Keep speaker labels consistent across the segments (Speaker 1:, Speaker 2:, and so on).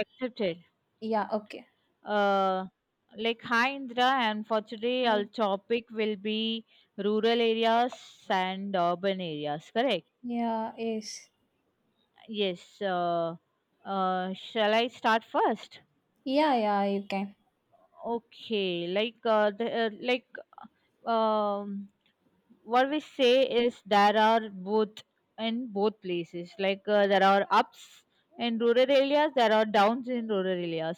Speaker 1: Accepted.
Speaker 2: Yeah, okay.
Speaker 1: Uh, like, hi Indra, and for today our
Speaker 2: I
Speaker 1: topic will be rural areas and urban areas, correct?
Speaker 2: Yeah, yes.
Speaker 1: Yes. Shall I start first?
Speaker 2: Yeah, yeah, you can.
Speaker 1: Okay. Like, like, um, what we say is there are both in both places, like there are ups in rural areas, there are downs in rural areas,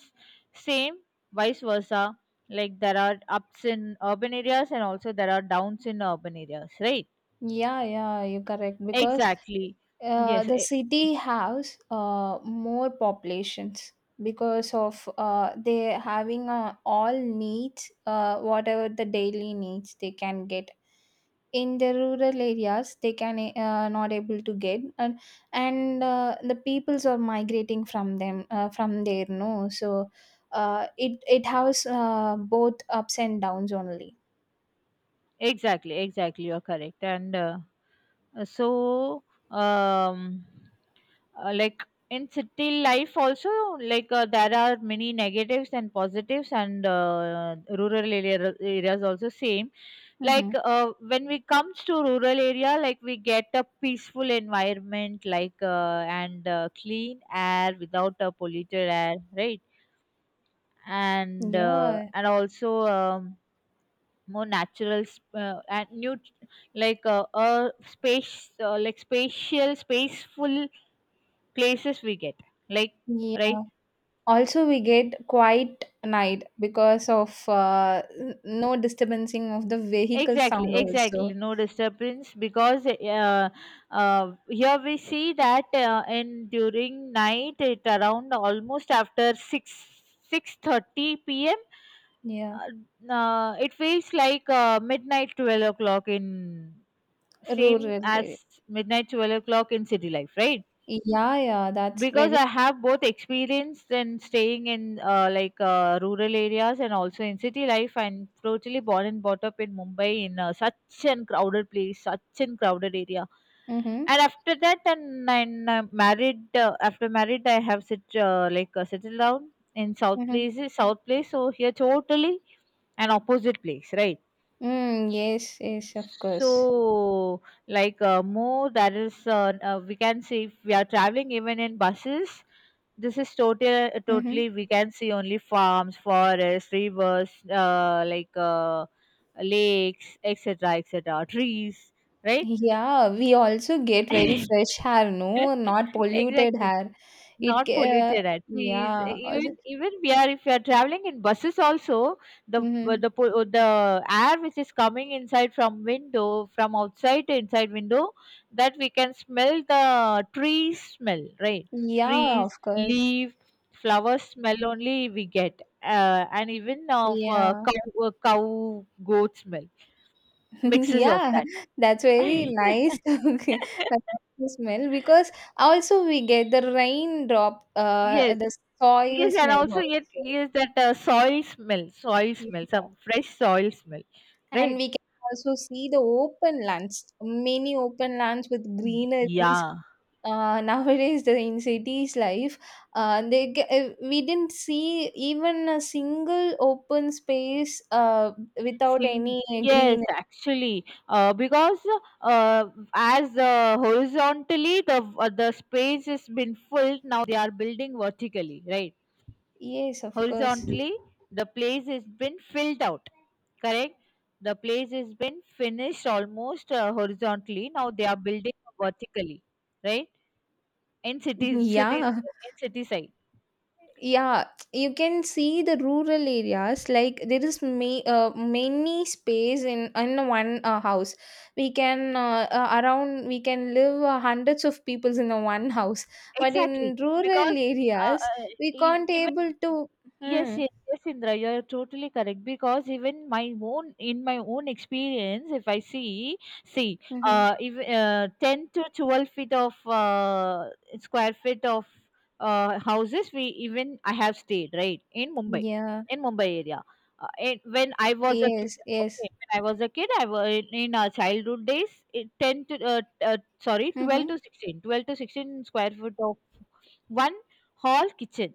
Speaker 1: same, vice versa. Like there are ups in urban areas and also there are downs in urban areas, right?
Speaker 2: Yeah, yeah, you correct because
Speaker 1: Exactly. Yes.
Speaker 2: the city has more populations because of they having all needs whatever the daily needs they can get. In the rural areas they can not able to get and and the peoples are migrating from them from there no, so it has both ups and downs only.
Speaker 1: Exactly, exactly, you're correct. And uh, so um uh, like in city life also, like there are many negatives and positives. And rural areas also same. Like
Speaker 2: Mm-hmm.
Speaker 1: when we comes to rural area, like we get a peaceful environment, like and clean air without a polluted air, right? And
Speaker 2: Yeah,
Speaker 1: and also more natural and new, like space, like spatial spaceful places we get, like,
Speaker 2: yeah,
Speaker 1: right?
Speaker 2: also we get quiet night because of no disturbing of the vehicle
Speaker 1: Exactly,
Speaker 2: sound
Speaker 1: exactly,
Speaker 2: also.
Speaker 1: no disturbance because here we see that in during night, it around almost after 6, 6:30 p.m.,
Speaker 2: Yeah,
Speaker 1: it feels like midnight 12 o'clock in,
Speaker 2: rural
Speaker 1: same as
Speaker 2: area.
Speaker 1: midnight 12 o'clock in city life, right?
Speaker 2: Yeah, yeah, that's
Speaker 1: Because
Speaker 2: very.
Speaker 1: I have both experience in staying in like rural areas and also in city life. I'm totally born and brought up in Mumbai, in such an crowded place, such an crowded area.
Speaker 2: Mm-hmm.
Speaker 1: And after that, and married. After married, I have sit like settled down in south
Speaker 2: Mm-hmm.
Speaker 1: place, south place. So here totally an opposite place, right?
Speaker 2: Mm, yes, yes, of course.
Speaker 1: So, like more, that is, we can see if we are traveling even in buses, this is totally,
Speaker 2: Mhm.
Speaker 1: totally, we can see only farms, forests, rivers, like lakes, etc., etc., trees, right?
Speaker 2: Yeah, we also get very fresh hair, no, not polluted
Speaker 1: Exactly,
Speaker 2: hair. It,
Speaker 1: not
Speaker 2: ca- uh,
Speaker 1: polluted at least.
Speaker 2: yeah, also.
Speaker 1: Even we are if we are traveling in buses also,
Speaker 2: Mm-hmm.
Speaker 1: the air which is coming inside from window, from outside to inside window, that we can smell the tree smell, right?
Speaker 2: Yeah,
Speaker 1: Trees,
Speaker 2: of course.
Speaker 1: leaf, flower smell only we get. And even of
Speaker 2: Yeah,
Speaker 1: cow goat smell, mixes of
Speaker 2: yeah,
Speaker 1: that.
Speaker 2: that's very nice. Okay, that smell because also we get the raindrop,
Speaker 1: Yes,
Speaker 2: the soil
Speaker 1: yes, and
Speaker 2: smell
Speaker 1: also yet
Speaker 2: also.
Speaker 1: yes that soil
Speaker 2: Yeah.
Speaker 1: smell, some fresh soil smell,
Speaker 2: And
Speaker 1: right?
Speaker 2: we can also see the open lands, many open lands with greeneries,
Speaker 1: Yeah.
Speaker 2: nowadays the in cities life, we didn't see even a single open space without
Speaker 1: sing.
Speaker 2: any
Speaker 1: Yes,
Speaker 2: green.
Speaker 1: actually, because uh, as horizontally the space has been filled, now they are building vertically, right?
Speaker 2: Yes, of course.
Speaker 1: Horizontally, the place has been filled out, correct? The place has been finished almost horizontally. Now they are building vertically, right? In cities,
Speaker 2: Yeah,
Speaker 1: in city side.
Speaker 2: yeah, you can see the rural areas like there is many space in one house. We can around we can live hundreds of peoples in a one house, but
Speaker 1: Exactly,
Speaker 2: in rural
Speaker 1: because uh,
Speaker 2: areas
Speaker 1: uh,
Speaker 2: we can't
Speaker 1: even.
Speaker 2: able to.
Speaker 1: Yes,
Speaker 2: Hmm.
Speaker 1: yes, yes, Indra, you are totally correct. Because even my own, in my own experience, if I see, see,
Speaker 2: Mm-hmm.
Speaker 1: if, 10 to 12 feet of square feet of houses, we even I have stayed right
Speaker 2: Yeah.
Speaker 1: in Mumbai area. And when I was a kid,
Speaker 2: Yes. Yes.
Speaker 1: okay, when I was a kid, I was in our childhood days, it, 12
Speaker 2: Mhm.
Speaker 1: to 16, 12 to 16 square foot of one hall kitchen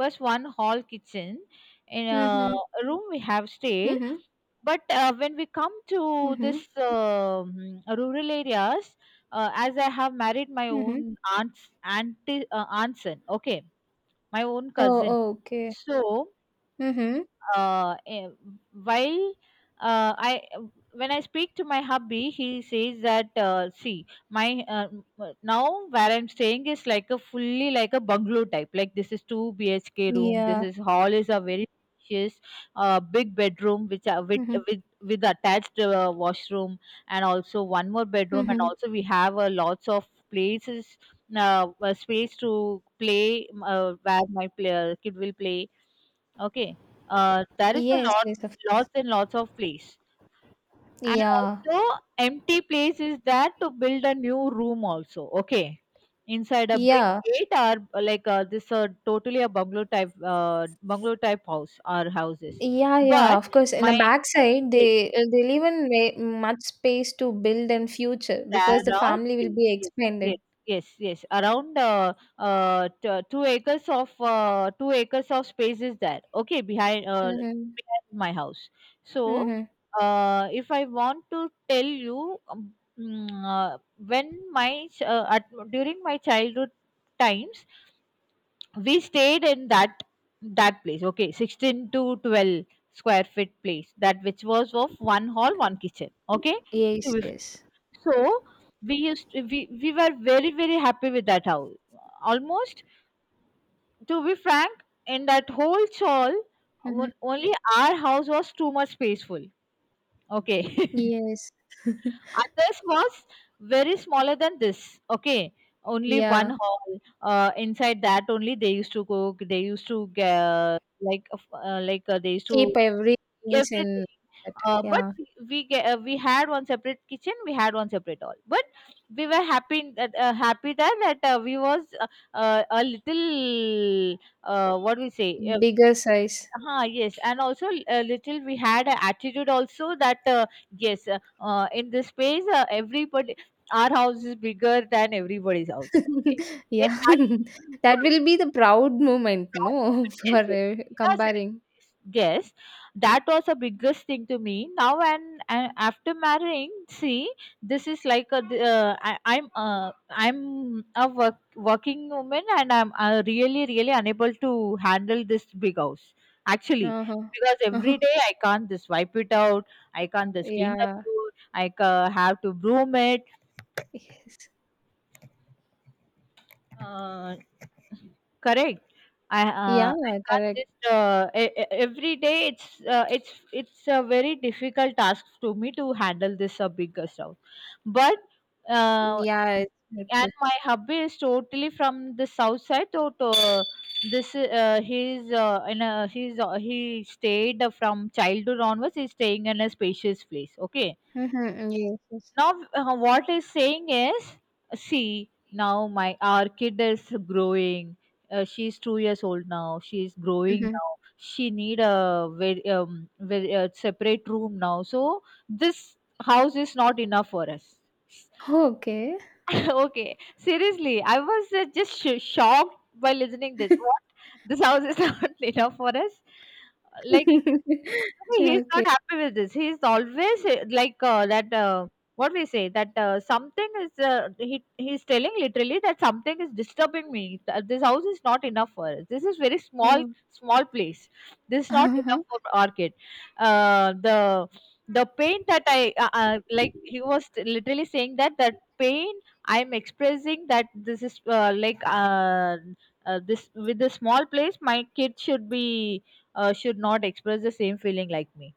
Speaker 1: bus one hall kitchen in
Speaker 2: Mhm.
Speaker 1: a room we have stayed.
Speaker 2: Mhm.
Speaker 1: But when we come to this
Speaker 2: Mhm.
Speaker 1: rural areas, as I have married my
Speaker 2: Mhm.
Speaker 1: own aunt's son, okay, my own
Speaker 2: Oh.
Speaker 1: cousin.
Speaker 2: Oh, okay.
Speaker 1: So
Speaker 2: Mhm.
Speaker 1: uh, eh, while I, when I speak to my hubby, he says that, see my now where I'm staying is like a fully like a bungalow type. Like this is 2 BHK room. This
Speaker 2: Yeah.
Speaker 1: is hall is a very spacious, big bedroom which are with
Speaker 2: Mhm.
Speaker 1: with with attached washroom, and also one more bedroom, and
Speaker 2: Mhm.
Speaker 1: also we have lots of places, space to play, where my kid will play. Okay. There is a
Speaker 2: Yes.
Speaker 1: lot,
Speaker 2: Yes. Of course.
Speaker 1: lots and lots of place. And
Speaker 2: Yeah.
Speaker 1: also, empty place is there to build a new room also. Okay. Inside a big
Speaker 2: Yeah.
Speaker 1: gate or like this totally a bungalow type house or houses.
Speaker 2: Yeah. Yeah.
Speaker 1: But
Speaker 2: Of course. In the
Speaker 1: my
Speaker 2: backside, they leave in much space to build and future because the
Speaker 1: There are
Speaker 2: family will
Speaker 1: space.
Speaker 2: be
Speaker 1: Yes, yes,
Speaker 2: expanded.
Speaker 1: yes, yes. Around 2 acres of 2 acres of space is there. Okay, behind
Speaker 2: Mhm.
Speaker 1: behind my house. So,
Speaker 2: Mhm.
Speaker 1: if I want to tell you, when during my childhood times, we stayed in that place. Okay, 16 to 12 square feet place. That which was of one hall, one kitchen. Okay, to
Speaker 2: Yes.
Speaker 1: be
Speaker 2: Yes.
Speaker 1: so, we used to, we were very very happy with that house. Almost to be frank, in that whole chawl,
Speaker 2: Mhm.
Speaker 1: only our house was too much spaceful. Okay.
Speaker 2: Yes.
Speaker 1: Others was very smaller than this. Okay, only one
Speaker 2: Yeah.
Speaker 1: hall. Inside that only they used to cook. They used to like they used to
Speaker 2: Keep everything
Speaker 1: everything.
Speaker 2: in that.
Speaker 1: But
Speaker 2: Yeah.
Speaker 1: we get, we had one separate kitchen, we had one separate all. But we were happy that, happy that that we was a little, what we say.
Speaker 2: Bigger size.
Speaker 1: Yes, and also a little we had an attitude also that, yes, in this space, everybody, our house is bigger than everybody's house, okay, in
Speaker 2: Yeah.
Speaker 1: that
Speaker 2: That will be the proud moment,
Speaker 1: proud
Speaker 2: no,
Speaker 1: moment.
Speaker 2: for
Speaker 1: Yes, yes.
Speaker 2: comparing.
Speaker 1: Yes, yes, that was the biggest thing to me now. And after marrying, see, this is like a I, I'm I'm a working woman, and I'm really really unable to handle this big house, actually.
Speaker 2: Uh-huh.
Speaker 1: Because every
Speaker 2: Uh-huh.
Speaker 1: day I can't just wipe it out, I can't just clean the
Speaker 2: Yeah.
Speaker 1: floor, I have to broom it.
Speaker 2: Yes.
Speaker 1: uh, Correct.
Speaker 2: Yeah,
Speaker 1: I can't
Speaker 2: correct.
Speaker 1: just every day. It's it's a very difficult task to me to handle this bigger south. But uh,
Speaker 2: Yeah, it's very true.
Speaker 1: and my hubby is totally from the south side. So to, this he's in a he's he stayed from childhood onwards. He's staying in a spacious place. Okay,
Speaker 2: Mm-hmm. Yes, yes.
Speaker 1: now what is saying is, see, now my our kid is growing. She's 2 years old now, she's growing
Speaker 2: Mm-hmm.
Speaker 1: now, she need a very, very separate room now, so this house is not enough for us.
Speaker 2: Okay.
Speaker 1: Okay, seriously I was just shocked by listening this what. This house is not enough for us, like. He's not
Speaker 2: Okay.
Speaker 1: happy with this. He's always like that. What we say that, something is he's telling literally that something is disturbing me. This house is not enough for us. This is very small,
Speaker 2: Oh.
Speaker 1: small place. This is not enough
Speaker 2: Uh-huh.
Speaker 1: for our kid. Uh, the the pain that I like he was literally saying, that that pain I'm expressing, that this is like this with the small place, my kid should be, should not express the same feeling like me.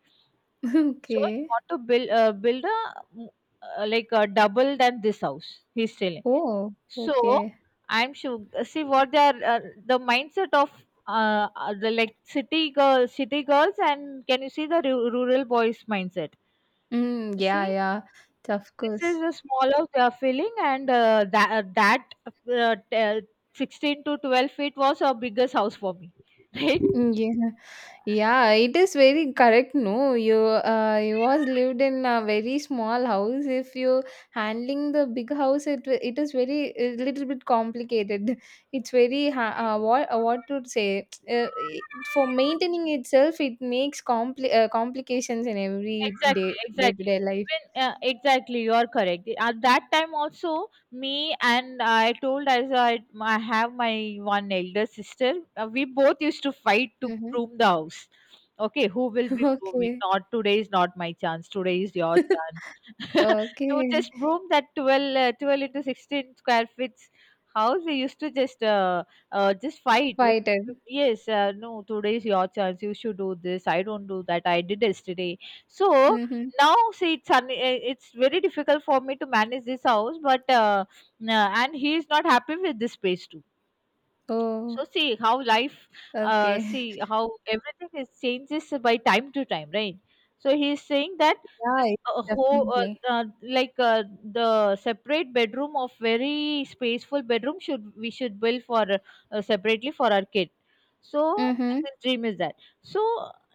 Speaker 1: So you
Speaker 2: Okay.
Speaker 1: want to build build a, like a double than this house. He's selling.
Speaker 2: Oh,
Speaker 1: So
Speaker 2: okay.
Speaker 1: I'm sure. See what they are, the mindset of, the like city girls, and can you see the rural boys mindset?
Speaker 2: Mm, yeah,
Speaker 1: See,
Speaker 2: yeah. Of
Speaker 1: this is
Speaker 2: course.
Speaker 1: a small house they are filling, and 16 to 12 feet was our biggest house for me, right?
Speaker 2: Mm, yeah, yeah, it is very correct. No, you you was lived in a very small house. If you handling the big house, it is very a little bit complicated. It's very what to say, for maintaining itself. It makes complications in every
Speaker 1: Exactly,
Speaker 2: day to
Speaker 1: exactly.
Speaker 2: day life.
Speaker 1: even Exactly, you are correct. At that time also, me and I told as I have my one elder sister, we both used to fight to
Speaker 2: Mm-hmm.
Speaker 1: broom the house. Okay, who will be brooming.
Speaker 2: Okay,
Speaker 1: Not today, is not my chance, today is your chance. To
Speaker 2: okay,
Speaker 1: just broom that 12 into 16 square feet house we used to just fight.
Speaker 2: fighted.
Speaker 1: Yes, no, today is your chance, you should do this, I don't do that, I did yesterday. So
Speaker 2: Mm-hmm.
Speaker 1: now see, it's it's very difficult for me to manage this house, but and he is not happy with this space too. So
Speaker 2: Oh,
Speaker 1: see how life,
Speaker 2: okay.
Speaker 1: see how everything is changes by time to time, right? So he is saying that,
Speaker 2: Yeah,
Speaker 1: this
Speaker 2: it-
Speaker 1: whole
Speaker 2: Definitely.
Speaker 1: like the separate bedroom of very spaceful bedroom should we should build for, separately for our kid. So
Speaker 2: Mm-hmm.
Speaker 1: his dream is that. So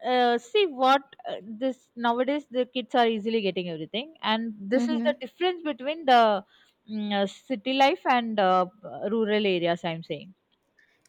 Speaker 1: see what, this nowadays the kids are easily getting everything, and this is the
Speaker 2: Mm-hmm.
Speaker 1: difference between the, city life and rural areas. I'm saying.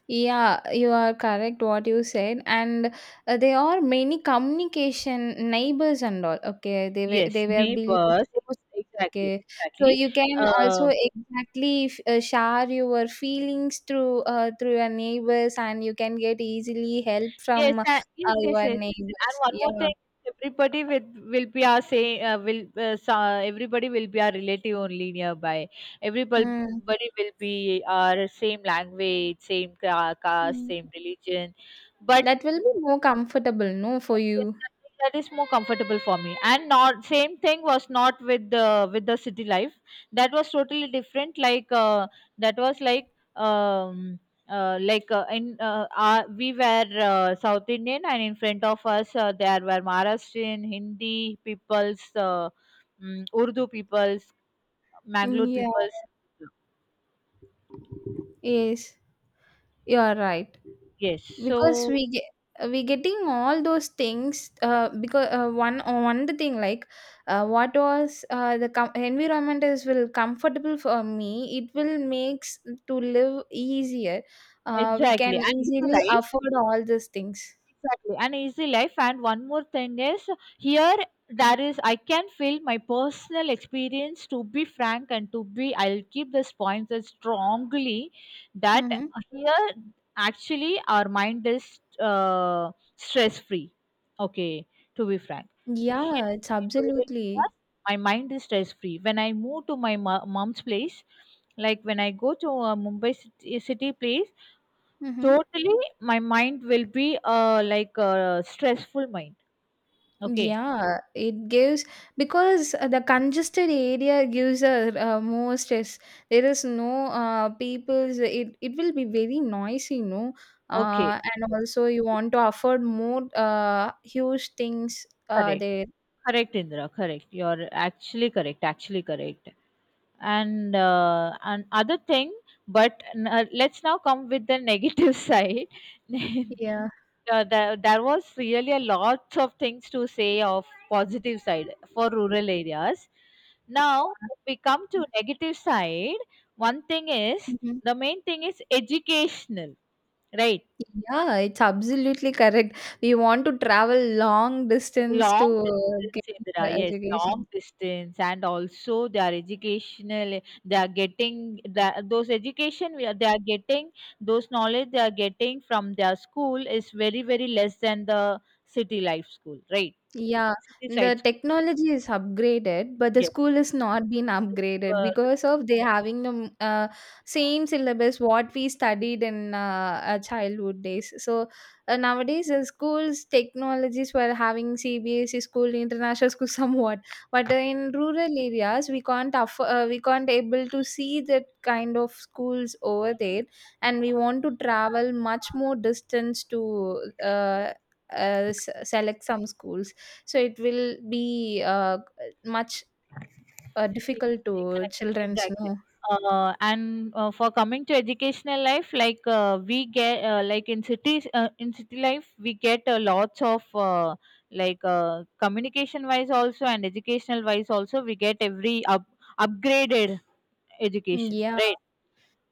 Speaker 2: Yeah, you are correct what you said, and there are many communication neighbors and all. Okay,
Speaker 1: Yes,
Speaker 2: they were building.
Speaker 1: neighbors.
Speaker 2: Posts.
Speaker 1: Exactly,
Speaker 2: Okay, so
Speaker 1: exactly.
Speaker 2: you can
Speaker 1: Uh,
Speaker 2: also exactly share your feelings through through your neighbors, and you can get easily help
Speaker 1: yes,
Speaker 2: from
Speaker 1: yes, yes, yes,
Speaker 2: your
Speaker 1: yes. And
Speaker 2: neighbors.
Speaker 1: one more
Speaker 2: Yeah,
Speaker 1: thing, everybody with will be our say will, so, everybody will be our relative only nearby. Everybody
Speaker 2: mm.
Speaker 1: will be our same language, same caste,
Speaker 2: Mm.
Speaker 1: same religion, but
Speaker 2: That will be more comfortable, no, for
Speaker 1: yes,
Speaker 2: you.
Speaker 1: yes, that is more comfortable for me. And not same thing was not with the city life. That was totally different. Like that was um like in we were South Indian, and in front of us there were Maharashtrian, Hindi peoples, Urdu peoples,
Speaker 2: Mm,
Speaker 1: Mangalore
Speaker 2: yeah,
Speaker 1: peoples.
Speaker 2: yes, you are right.
Speaker 1: Yes,
Speaker 2: Because
Speaker 1: so
Speaker 2: we getting all those things, because one the thing like what was the environment is will comfortable for me, it will makes to live easier. We
Speaker 1: exactly. And
Speaker 2: can
Speaker 1: if you
Speaker 2: easily
Speaker 1: like.
Speaker 2: afford all these things.
Speaker 1: Exactly, an easy life. And one more thing is here there is I can feel my personal experience, to be frank, and to be I'll keep this point as strongly, that
Speaker 2: Mm-hmm.
Speaker 1: here actually our mind is stress free. Okay, to be frank. Here
Speaker 2: Yeah, it's
Speaker 1: in rural
Speaker 2: absolutely.
Speaker 1: areas, my mind is stress free. When I move to my mom's place, like when I go to a Mumbai city, city place,
Speaker 2: Mm-hmm.
Speaker 1: totally, my mind will be like a stressful mind. Okay.
Speaker 2: Yeah, it gives, because the congested area gives a more stress. There is no people's. It will be very noisy, no.
Speaker 1: Okay.
Speaker 2: And also you want to afford more huge things
Speaker 1: Correct.
Speaker 2: there.
Speaker 1: Correct, Indra. Correct. You're actually correct. Actually correct. And other thing, but let's now come with the negative side.
Speaker 2: Yeah.
Speaker 1: There, there was really a lot of things to say of positive side for rural areas. Now, if we come to negative side, one thing is
Speaker 2: Mhm.
Speaker 1: the main thing is educational. Right.
Speaker 2: Yeah, it's absolutely correct. We want to travel long distance
Speaker 1: Long
Speaker 2: to get
Speaker 1: distance,
Speaker 2: the
Speaker 1: Indra. Yes, long
Speaker 2: education.
Speaker 1: distance, and also they are educational. They are getting the, those education. They are getting those knowledge. They are getting from their school is very very less than the city life school. Right.
Speaker 2: Yeah,
Speaker 1: City side
Speaker 2: the
Speaker 1: school.
Speaker 2: technology is upgraded, but the
Speaker 1: Yes.
Speaker 2: school is not been upgraded
Speaker 1: Uh,
Speaker 2: because of they having the same syllabus what we studied in our childhood days. So nowadays, the schools technologies were having CBSE school, international school, somewhat. But in rural areas, we can't able to see that kind of schools over there, and we want to travel much more distance to select some schools, so it will be much
Speaker 1: E-
Speaker 2: difficult to
Speaker 1: Exactly,
Speaker 2: children's
Speaker 1: exactly.
Speaker 2: know.
Speaker 1: And For coming to educational life, we get like in cities, in city life, we get lots of communication wise also and educational wise also, we get every up upgraded education,
Speaker 2: Yeah,
Speaker 1: right?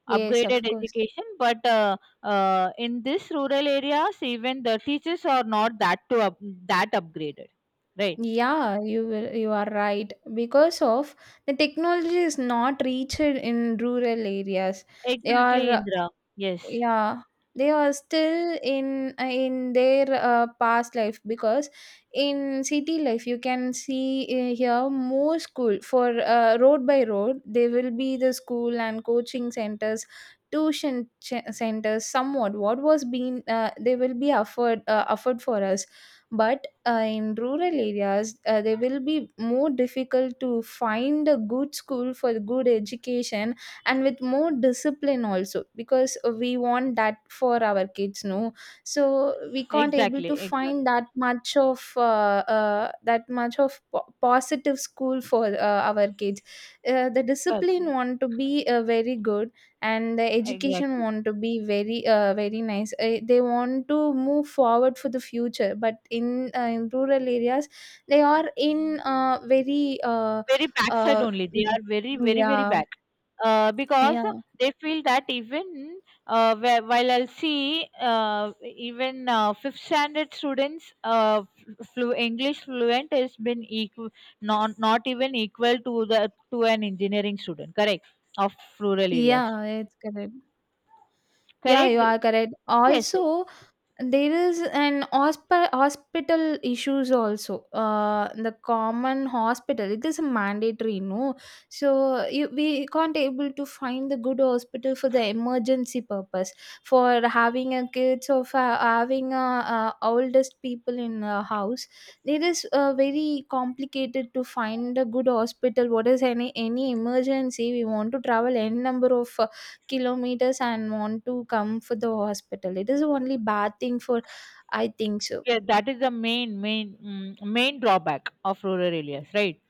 Speaker 2: yes, of
Speaker 1: Upgraded
Speaker 2: course.
Speaker 1: education, but in this rural areas, even the teachers are not that that upgraded, right?
Speaker 2: Yeah, you will, you are right, because of the technology is not reached in rural areas. They
Speaker 1: Exactly,
Speaker 2: are.
Speaker 1: Indra. Yes,
Speaker 2: Yeah, they are still in their past life, because in city life you can see, here more school for road by road there will be the school and coaching centers, tuition centers, somewhat what was being they will be offered offered for us. But in rural areas they will be more difficult to find a good school for good education, and with more discipline also, because we want that for our kids, no, so we can't able to
Speaker 1: exactly, exactly.
Speaker 2: find that much of positive school for our kids. The
Speaker 1: Correct.
Speaker 2: discipline want to be very good, and the education
Speaker 1: Exactly.
Speaker 2: want to be very, very nice. They want to move forward for the future, but in rural areas they are in very
Speaker 1: Very backside
Speaker 2: uh,
Speaker 1: only. They are very, very, very
Speaker 2: yeah,
Speaker 1: back. Because
Speaker 2: yeah.
Speaker 1: they feel that even while I'll see even fifth standard students, English fluent has been equal, not even equal to the to an engineering student, correct, of rural areas.
Speaker 2: Yeah, it's correct. Yeah,
Speaker 1: Correct.
Speaker 2: you are correct.
Speaker 1: Yes, yes.
Speaker 2: Also, there is an hospital issues also. The common hospital, it is mandatory, no. So you, we can't able to find the good hospital for the emergency purpose, for having a kids or for having a oldest people in a house. It is very complicated to find a good hospital. What is any emergency? We want to travel n number of kilometers and want to come for the hospital. It is only bad thing for, I think so.
Speaker 1: Yeah, that is the main drawback of rural areas, right?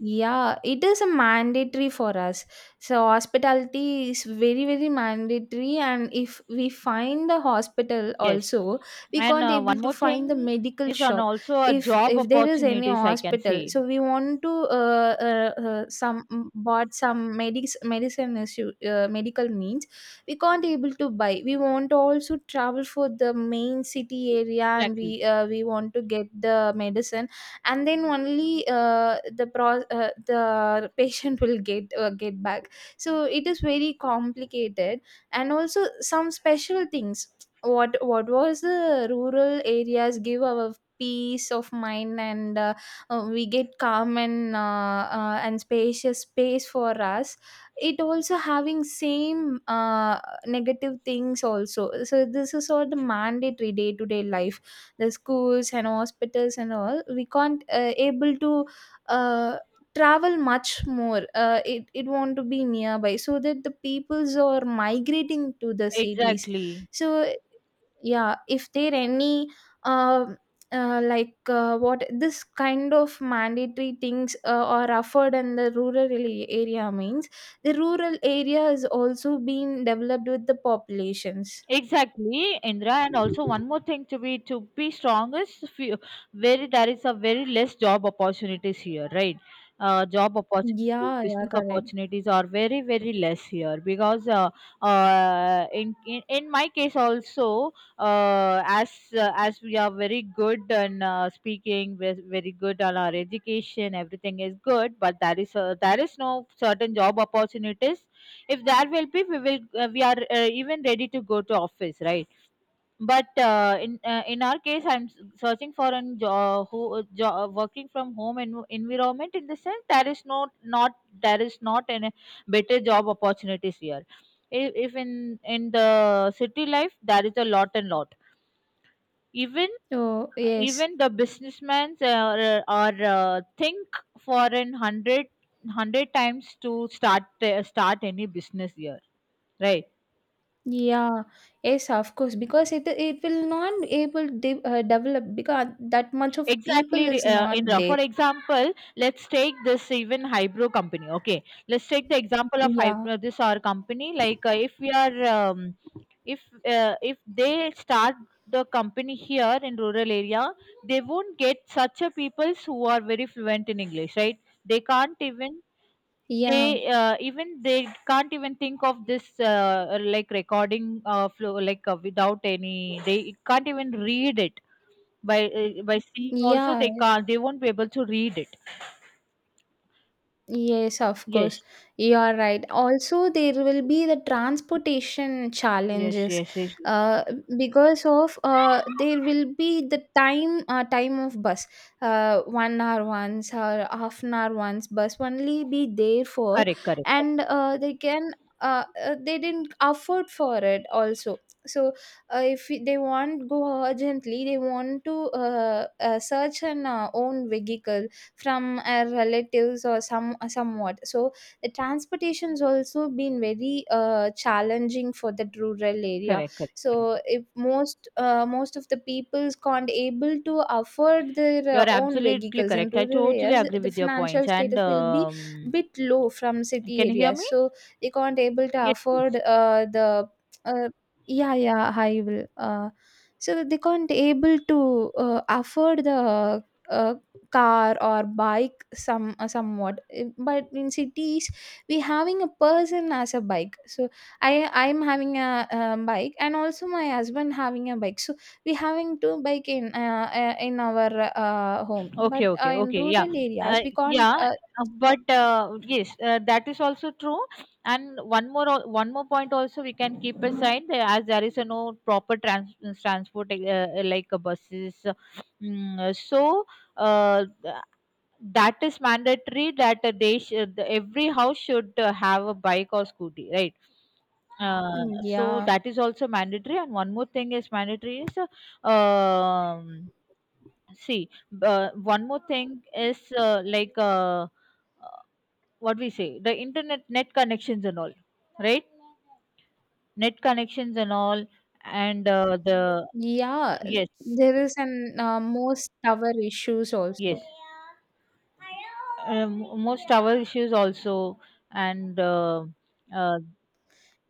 Speaker 2: Yeah, it is a mandatory for us. So hospitality is very, very mandatory. And if we find the hospital
Speaker 1: Yes.
Speaker 2: also, we
Speaker 1: And,
Speaker 2: can't able
Speaker 1: one
Speaker 2: to
Speaker 1: more
Speaker 2: find the
Speaker 1: thing
Speaker 2: medical
Speaker 1: is on
Speaker 2: shop.
Speaker 1: also a job
Speaker 2: If there is any
Speaker 1: opportunities, I can
Speaker 2: hospital,
Speaker 1: say.
Speaker 2: so we want to some, mm, bought some medics medicine issue, medical means we can't able to buy. We want to also travel for the main city area, and
Speaker 1: Exactly.
Speaker 2: we want to get the medicine, and then only the patient will get back, so it is very complicated. And also some special things, what was the rural areas give our peace of mind, and we get calm and spacious space for us. It also having same negative things also, so this is all the mandatory day to day life. The schools and hospitals and all we can't able to uh, travel much more. It want to be nearby, so that the peoples are migrating to the cities.
Speaker 1: Exactly.
Speaker 2: So yeah, if there any, um, what this kind of mandatory things are offered in the rural area means the rural area is also being developed with the populations.
Speaker 1: Exactly, Indra, and also one more thing to be strong is few, very there is a very less job opportunities here, right? Job opportunities,
Speaker 2: Yeah, yeah,
Speaker 1: business
Speaker 2: correct.
Speaker 1: opportunities are very very less here, because in, in my case also, uh, as as we are very good in speaking, we're very good on our education, everything is good, but there is no certain job opportunities. If that will be, we will we are even ready to go to office, right? But in our case, I'm searching for an job, who a working from home environment, in the sense there is no, not, there is not any better job opportunities here. If, if in in the city life there is a lot and lot. Even
Speaker 2: Oh yes.
Speaker 1: even the businessmen are think for an hundred times to start any business here, right?
Speaker 2: Yeah, yes, of course, because it will not able develop because that much of
Speaker 1: Exactly,
Speaker 2: people is not
Speaker 1: Indra, for
Speaker 2: there.
Speaker 1: example, let's take this even Hybro company. Okay, let's take the example of
Speaker 2: Yeah,
Speaker 1: Hybro, this our company. Like if we are if if they start the company here in rural area, they won't get such a peoples who are very fluent in English, right? They can't even, they
Speaker 2: yeah,
Speaker 1: even they can't even think of this like recording flow like without any, they can't even read it. By by seeing also
Speaker 2: yeah.
Speaker 1: they can't, they won't be able to read it.
Speaker 2: Yes, of course.
Speaker 1: Yes,
Speaker 2: You are right. Also, there will be the transportation
Speaker 1: yes,
Speaker 2: challenges,
Speaker 1: yes. Yes, yes.
Speaker 2: uh, because of there will be the time of bus, 1 hour once or half an hour once bus only be there for.
Speaker 1: Correct, correct, correct.
Speaker 2: And they didn't afford for it also. So if they want go urgently, they want to search an own vehicle from relatives or some somewhat, so the transportation's also been very challenging for that rural area.
Speaker 1: Correct, correct, correct.
Speaker 2: So if most most of the peoples can't able to afford their
Speaker 1: You're
Speaker 2: own
Speaker 1: absolutely
Speaker 2: vehicles in
Speaker 1: correct. I
Speaker 2: rural
Speaker 1: totally
Speaker 2: areas,
Speaker 1: agree
Speaker 2: the
Speaker 1: with your
Speaker 2: financial
Speaker 1: points. And
Speaker 2: status will be bit low from city
Speaker 1: can you hear
Speaker 2: areas,
Speaker 1: me?
Speaker 2: so they can't able to
Speaker 1: Yes,
Speaker 2: afford
Speaker 1: yes.
Speaker 2: the uh, yeah, yeah, I will so that they can't able to afford the, uh, car or bike, some somewhat. But in cities we having a person as a bike, so I'm having a, uh, bike, and also my husband having a bike, so we having two bike in our home, but
Speaker 1: Okay, okay,
Speaker 2: in
Speaker 1: okay. Yeah,
Speaker 2: rural areas we can't
Speaker 1: yeah. Uh, but yes, that is also true. And one more, one more point also we can keep aside there, as there is a no proper transport like buses. So uh, th- that is mandatory that they every house should have a bike or scooty, right? Uh, so
Speaker 2: yeah,
Speaker 1: that is also mandatory. And one more thing is mandatory is see, one more thing is uh, what we say the internet net connections and all, right? Net connections and all, and
Speaker 2: yeah,
Speaker 1: yes,
Speaker 2: there is an most tower issues
Speaker 1: yes,
Speaker 2: also.
Speaker 1: most tower issues also, and uh,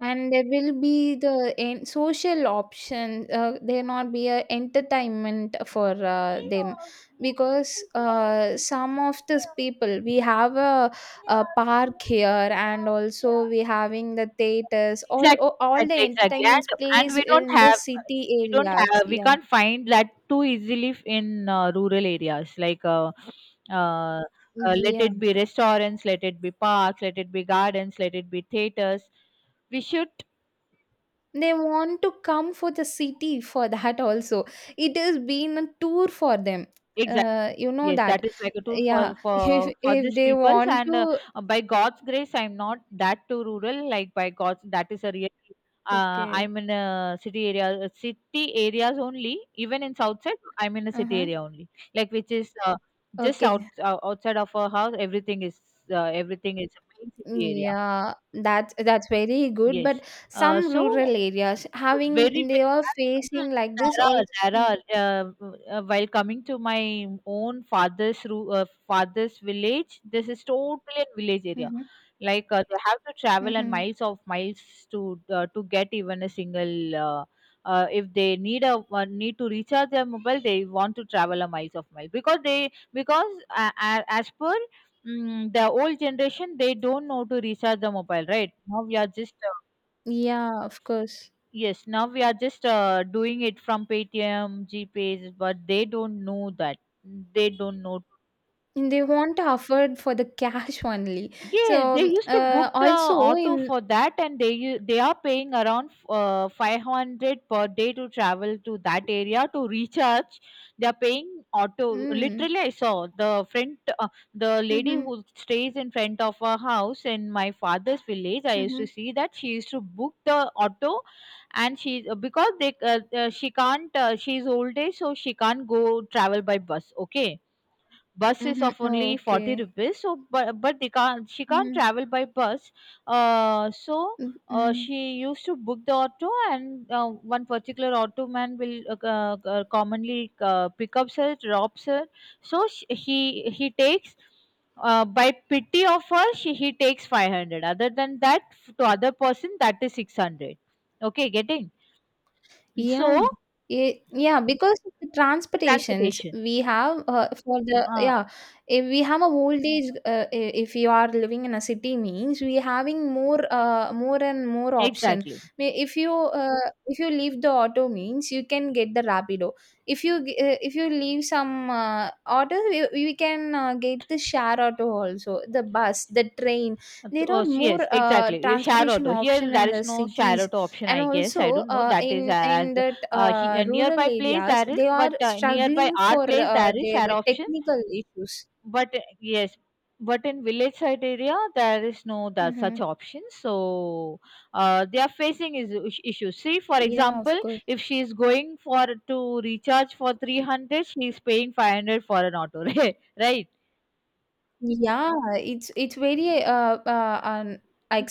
Speaker 2: And there will be the social option, there not be a entertainment for them, because some of these people, we have a park here, and also we having the theaters,
Speaker 1: exactly,
Speaker 2: all the
Speaker 1: exactly, exactly.
Speaker 2: entertainments
Speaker 1: And
Speaker 2: place
Speaker 1: we don't
Speaker 2: in the
Speaker 1: have,
Speaker 2: city
Speaker 1: we don't
Speaker 2: areas,
Speaker 1: have, we
Speaker 2: yeah.
Speaker 1: can't find that too easily in rural areas. Uh, Let
Speaker 2: Yeah,
Speaker 1: it be restaurants, let it be parks, let it be gardens, let it be theaters. We should
Speaker 2: they want to come for the city for that also. It has been a tour for them.
Speaker 1: exactly.
Speaker 2: You know
Speaker 1: Yes,
Speaker 2: that.
Speaker 1: that is like a tour
Speaker 2: Yeah,
Speaker 1: for
Speaker 2: if
Speaker 1: these
Speaker 2: they
Speaker 1: peoples,
Speaker 2: want
Speaker 1: and
Speaker 2: to
Speaker 1: by God's grace, I'm not that too rural. Like by God's, that is a really.
Speaker 2: okay.
Speaker 1: I'm in a city area, city areas only. Even in south side, I'm in a city
Speaker 2: Uh-huh.
Speaker 1: area only. Like which is just
Speaker 2: Okay.
Speaker 1: outside of our house. Everything is a main city area.
Speaker 2: Yeah, that's very good.
Speaker 1: Yes.
Speaker 2: But some rural
Speaker 1: So
Speaker 2: areas having
Speaker 1: very,
Speaker 2: they
Speaker 1: very,
Speaker 2: are
Speaker 1: yes,
Speaker 2: facing like this
Speaker 1: there are
Speaker 2: all. Mm.
Speaker 1: while coming to my own father's village, this is totally a village area.
Speaker 2: Mm-hmm.
Speaker 1: Like they have to travel and
Speaker 2: Mm-hmm.
Speaker 1: miles of miles to get even a single. If they need a need to recharge their mobile, they want to travel a miles of mile, because they because as per the old generation, they don't know to recharge the mobile. Right now, we are just,
Speaker 2: Yeah, of course.
Speaker 1: yes, now we are just doing it from Paytm, GPays, but they don't know that. They don't know.
Speaker 2: And they want to afford for the cash only.
Speaker 1: Yes,
Speaker 2: So,
Speaker 1: they used to book the
Speaker 2: also
Speaker 1: auto
Speaker 2: in,
Speaker 1: for that, and they are paying around 500 per day to travel to that area to recharge. They are paying auto.
Speaker 2: mm,
Speaker 1: Literally, I saw the front the lady
Speaker 2: mm-hmm,
Speaker 1: who stays in front of her house in my father's village. I used
Speaker 2: mm-hmm,
Speaker 1: to see that she used to book the auto, and she, because they she can't, she's old age, so she can't go travel by bus. Okay, bus is
Speaker 2: mm-hmm,
Speaker 1: of only 40
Speaker 2: okay.
Speaker 1: rupees, so but they can't, she can't
Speaker 2: Mm-hmm.
Speaker 1: travel by bus. Uh, so
Speaker 2: Mm-hmm.
Speaker 1: she used to book the auto, and one particular auto man will commonly pick up her, drops her. So sh he takes by pity of her, she he takes 500. Other than that, to other person that is 600. Okay, getting,
Speaker 2: Yeah.
Speaker 1: so
Speaker 2: Yeah, because of the transportations
Speaker 1: transportation
Speaker 2: we have for the
Speaker 1: uh,
Speaker 2: yeah, if we have a old age, if you are living in a city means we having more and more option.
Speaker 1: exactly.
Speaker 2: If you leave the auto means you can get the Rapido. If you leave some auto, we can get the share auto also, the bus, the train. There are more
Speaker 1: Yes, exactly. Your share
Speaker 2: transportation
Speaker 1: auto. Here,
Speaker 2: option
Speaker 1: there
Speaker 2: in
Speaker 1: is
Speaker 2: the
Speaker 1: no share
Speaker 2: cities,
Speaker 1: auto option,
Speaker 2: and
Speaker 1: I guess. I
Speaker 2: also
Speaker 1: don't know. That is
Speaker 2: in in that rural
Speaker 1: nearby place
Speaker 2: areas
Speaker 1: there is,
Speaker 2: they are
Speaker 1: but nearby
Speaker 2: struggling
Speaker 1: our
Speaker 2: for
Speaker 1: place there is
Speaker 2: their
Speaker 1: share option.
Speaker 2: technical issues.
Speaker 1: But yes, but in village side area there is no that such
Speaker 2: Mm-hmm.
Speaker 1: option. So they are facing is issues. See, for
Speaker 2: Yeah, of
Speaker 1: example,
Speaker 2: course.
Speaker 1: if she is going for to recharge for 300, she is paying 500 for an auto, right?
Speaker 2: Yeah, it's very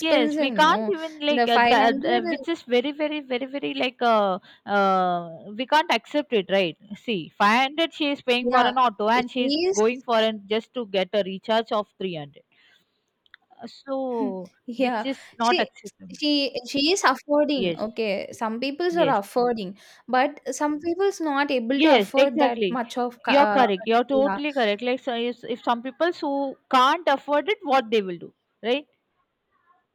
Speaker 1: Yes, we can't
Speaker 2: no?
Speaker 1: even like
Speaker 2: The
Speaker 1: that,
Speaker 2: 500.
Speaker 1: which is very, very, very, very like uh, we can't accept it, right? See, 500 she is paying for
Speaker 2: Yeah,
Speaker 1: an auto, and she is
Speaker 2: she is.
Speaker 1: going for an just to get a recharge of 300. So, which
Speaker 2: Yeah,
Speaker 1: is not
Speaker 2: she
Speaker 1: acceptable.
Speaker 2: she is affording,
Speaker 1: Yes,
Speaker 2: okay, some people's are
Speaker 1: yes,
Speaker 2: affording, but some people's not able to
Speaker 1: yes,
Speaker 2: afford that
Speaker 1: exactly.
Speaker 2: much of
Speaker 1: You're correct. You're
Speaker 2: yeah.
Speaker 1: totally correct. Like, so if some people who can't afford it, what they will do, right?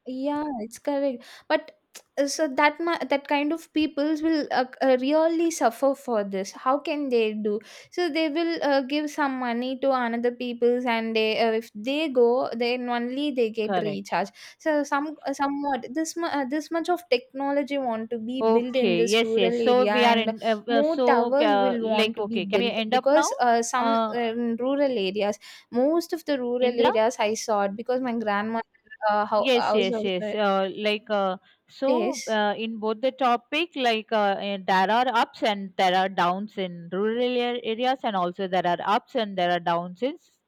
Speaker 2: Yeah, it's correct. But so that kind of peoples will really suffer for this. How can they do? So they will give some money to another peoples, and they if they go, then only they get
Speaker 1: Correct.
Speaker 2: recharge. So somewhat this much of technology want to be built in
Speaker 1: Okay,
Speaker 2: this
Speaker 1: yes, yes.
Speaker 2: rural
Speaker 1: So
Speaker 2: area,
Speaker 1: we are
Speaker 2: and
Speaker 1: in.
Speaker 2: more
Speaker 1: So
Speaker 2: towers will
Speaker 1: like,
Speaker 2: want to be
Speaker 1: okay, can we
Speaker 2: built
Speaker 1: end up now,
Speaker 2: because some
Speaker 1: uh,
Speaker 2: in rural areas, most of the rural
Speaker 1: Indra?
Speaker 2: areas I saw it because my grandma how
Speaker 1: Yes,
Speaker 2: house
Speaker 1: yes,
Speaker 2: also.
Speaker 1: yes. Like, so
Speaker 2: Yes.
Speaker 1: in both the topic, like there are ups and there are downs in areas, and also there are ups and there are downs in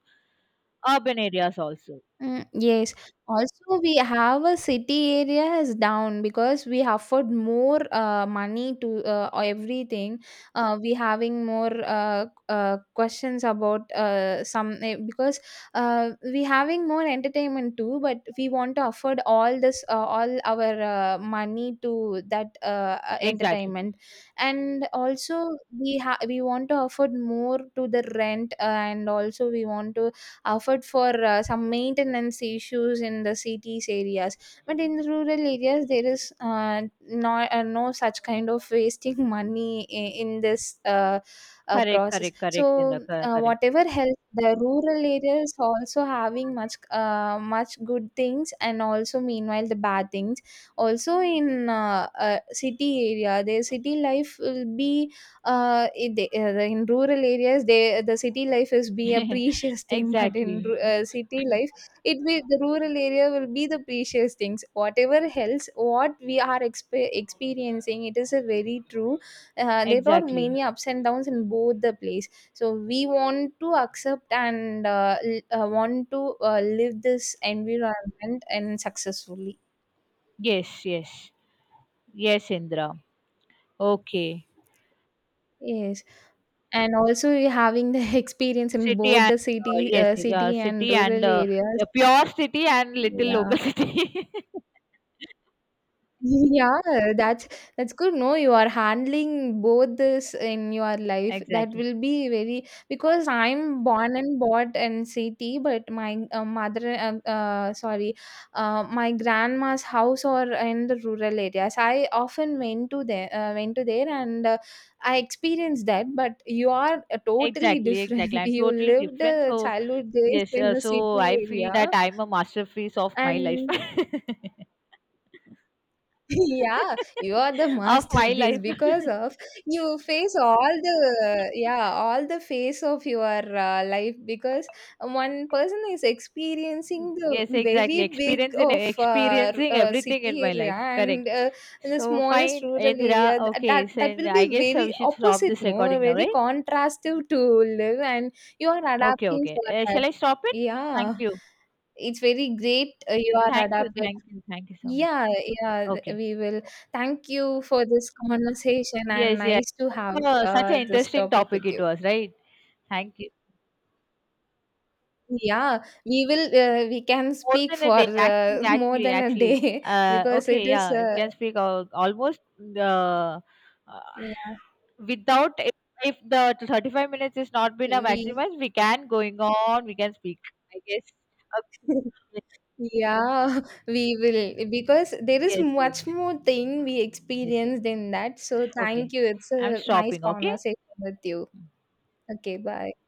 Speaker 1: urban areas also.
Speaker 2: Mm, yes. Also, we have a city area is down because we afford more money to everything. We having more questions about some because we having more entertainment too, but we want to afford all this all our money to that
Speaker 1: Exactly.
Speaker 2: entertainment, and also we want to afford more to the rent, and also we want to offered for some maintenance issues in the cities areas, but in rural areas there is no, no such kind of wasting money in this
Speaker 1: Correct,
Speaker 2: process.
Speaker 1: correct, correct,
Speaker 2: So
Speaker 1: Indra. Correct.
Speaker 2: whatever help, the rural areas also having much good things, and also meanwhile the bad things also in city area, their city life will be in rural areas the city life is be a precious thing. But
Speaker 1: Exactly,
Speaker 2: city life it will, the rural area will be the precious things. Whatever else what we are experiencing, it is a very true. There are
Speaker 1: exactly.
Speaker 2: many ups and downs in both the place. So we want to accept and want to live this environment and successfully.
Speaker 1: Yes, yes, yes, Indra. Okay.
Speaker 2: Yes. And also you're having the experience in
Speaker 1: City
Speaker 2: both
Speaker 1: and
Speaker 2: the
Speaker 1: yes,
Speaker 2: city and
Speaker 1: city
Speaker 2: rural
Speaker 1: and
Speaker 2: areas.
Speaker 1: a pure city and little local
Speaker 2: Yeah.
Speaker 1: city.
Speaker 2: Yeah, that's that's good. No, you are handling both this in your life. That
Speaker 1: Exactly,
Speaker 2: will be very because I'm born and bought in city, but my mother, sorry, my grandma's house are in the rural areas. I often went to there, and I experienced that. But you are totally
Speaker 1: exactly, exactly.
Speaker 2: different.
Speaker 1: I'm
Speaker 2: You
Speaker 1: totally
Speaker 2: lived
Speaker 1: different. So
Speaker 2: childhood days
Speaker 1: yes,
Speaker 2: in a
Speaker 1: so
Speaker 2: city
Speaker 1: I feel
Speaker 2: area,
Speaker 1: that I'm a masterpiece of my life.
Speaker 2: and Yeah, you are the
Speaker 1: Of my
Speaker 2: masterpiece
Speaker 1: life.
Speaker 2: because of you face all the yeah all the phase of your life, because one person is experiencing the
Speaker 1: Yes, exactly.
Speaker 2: very big
Speaker 1: Experiencing
Speaker 2: of
Speaker 1: experiencing everything in
Speaker 2: city
Speaker 1: my
Speaker 2: area
Speaker 1: life. Correct.
Speaker 2: and in the
Speaker 1: So
Speaker 2: smallest
Speaker 1: fine,
Speaker 2: rural
Speaker 1: Indra.
Speaker 2: area. Th-
Speaker 1: Okay,
Speaker 2: that
Speaker 1: so
Speaker 2: that will be
Speaker 1: I guess we
Speaker 2: very
Speaker 1: should stop
Speaker 2: opposite,
Speaker 1: this
Speaker 2: no,
Speaker 1: recording now,
Speaker 2: very
Speaker 1: right?
Speaker 2: contrastive to live, and you are
Speaker 1: Okay,
Speaker 2: adapting
Speaker 1: okay.
Speaker 2: for that.
Speaker 1: Shall I stop it? Thank
Speaker 2: Yeah,
Speaker 1: you.
Speaker 2: it's very great. You are
Speaker 1: Thank you,
Speaker 2: adapted.
Speaker 1: thank you, thank you so much.
Speaker 2: Yeah, yeah,
Speaker 1: Okay.
Speaker 2: we will. Thank you for this conversation and
Speaker 1: Yes, yes.
Speaker 2: nice to
Speaker 1: Such
Speaker 2: have
Speaker 1: a, such an
Speaker 2: this
Speaker 1: interesting
Speaker 2: topic
Speaker 1: topic
Speaker 2: with
Speaker 1: it
Speaker 2: you.
Speaker 1: was, right? Thank you.
Speaker 2: Yeah, we will. We can
Speaker 1: More
Speaker 2: speak
Speaker 1: than a
Speaker 2: for
Speaker 1: day, actually,
Speaker 2: more
Speaker 1: actually,
Speaker 2: than a
Speaker 1: actually.
Speaker 2: day because it
Speaker 1: Okay,
Speaker 2: is.
Speaker 1: yeah, if we
Speaker 2: Uh,
Speaker 1: can speak almost uh, uh,
Speaker 2: yeah,
Speaker 1: without if, if the 35 minutes is not been a
Speaker 2: we.
Speaker 1: maximum, we can going on, we can speak. I guess. Okay.
Speaker 2: Yeah, we will because there is
Speaker 1: Yes, yes,
Speaker 2: much more thing we
Speaker 1: yes, yes.
Speaker 2: experienced in that. So
Speaker 1: Okay.
Speaker 2: thank you. It's
Speaker 1: I'm
Speaker 2: a nice
Speaker 1: stopping. Okay.
Speaker 2: conversation with you. Okay, bye.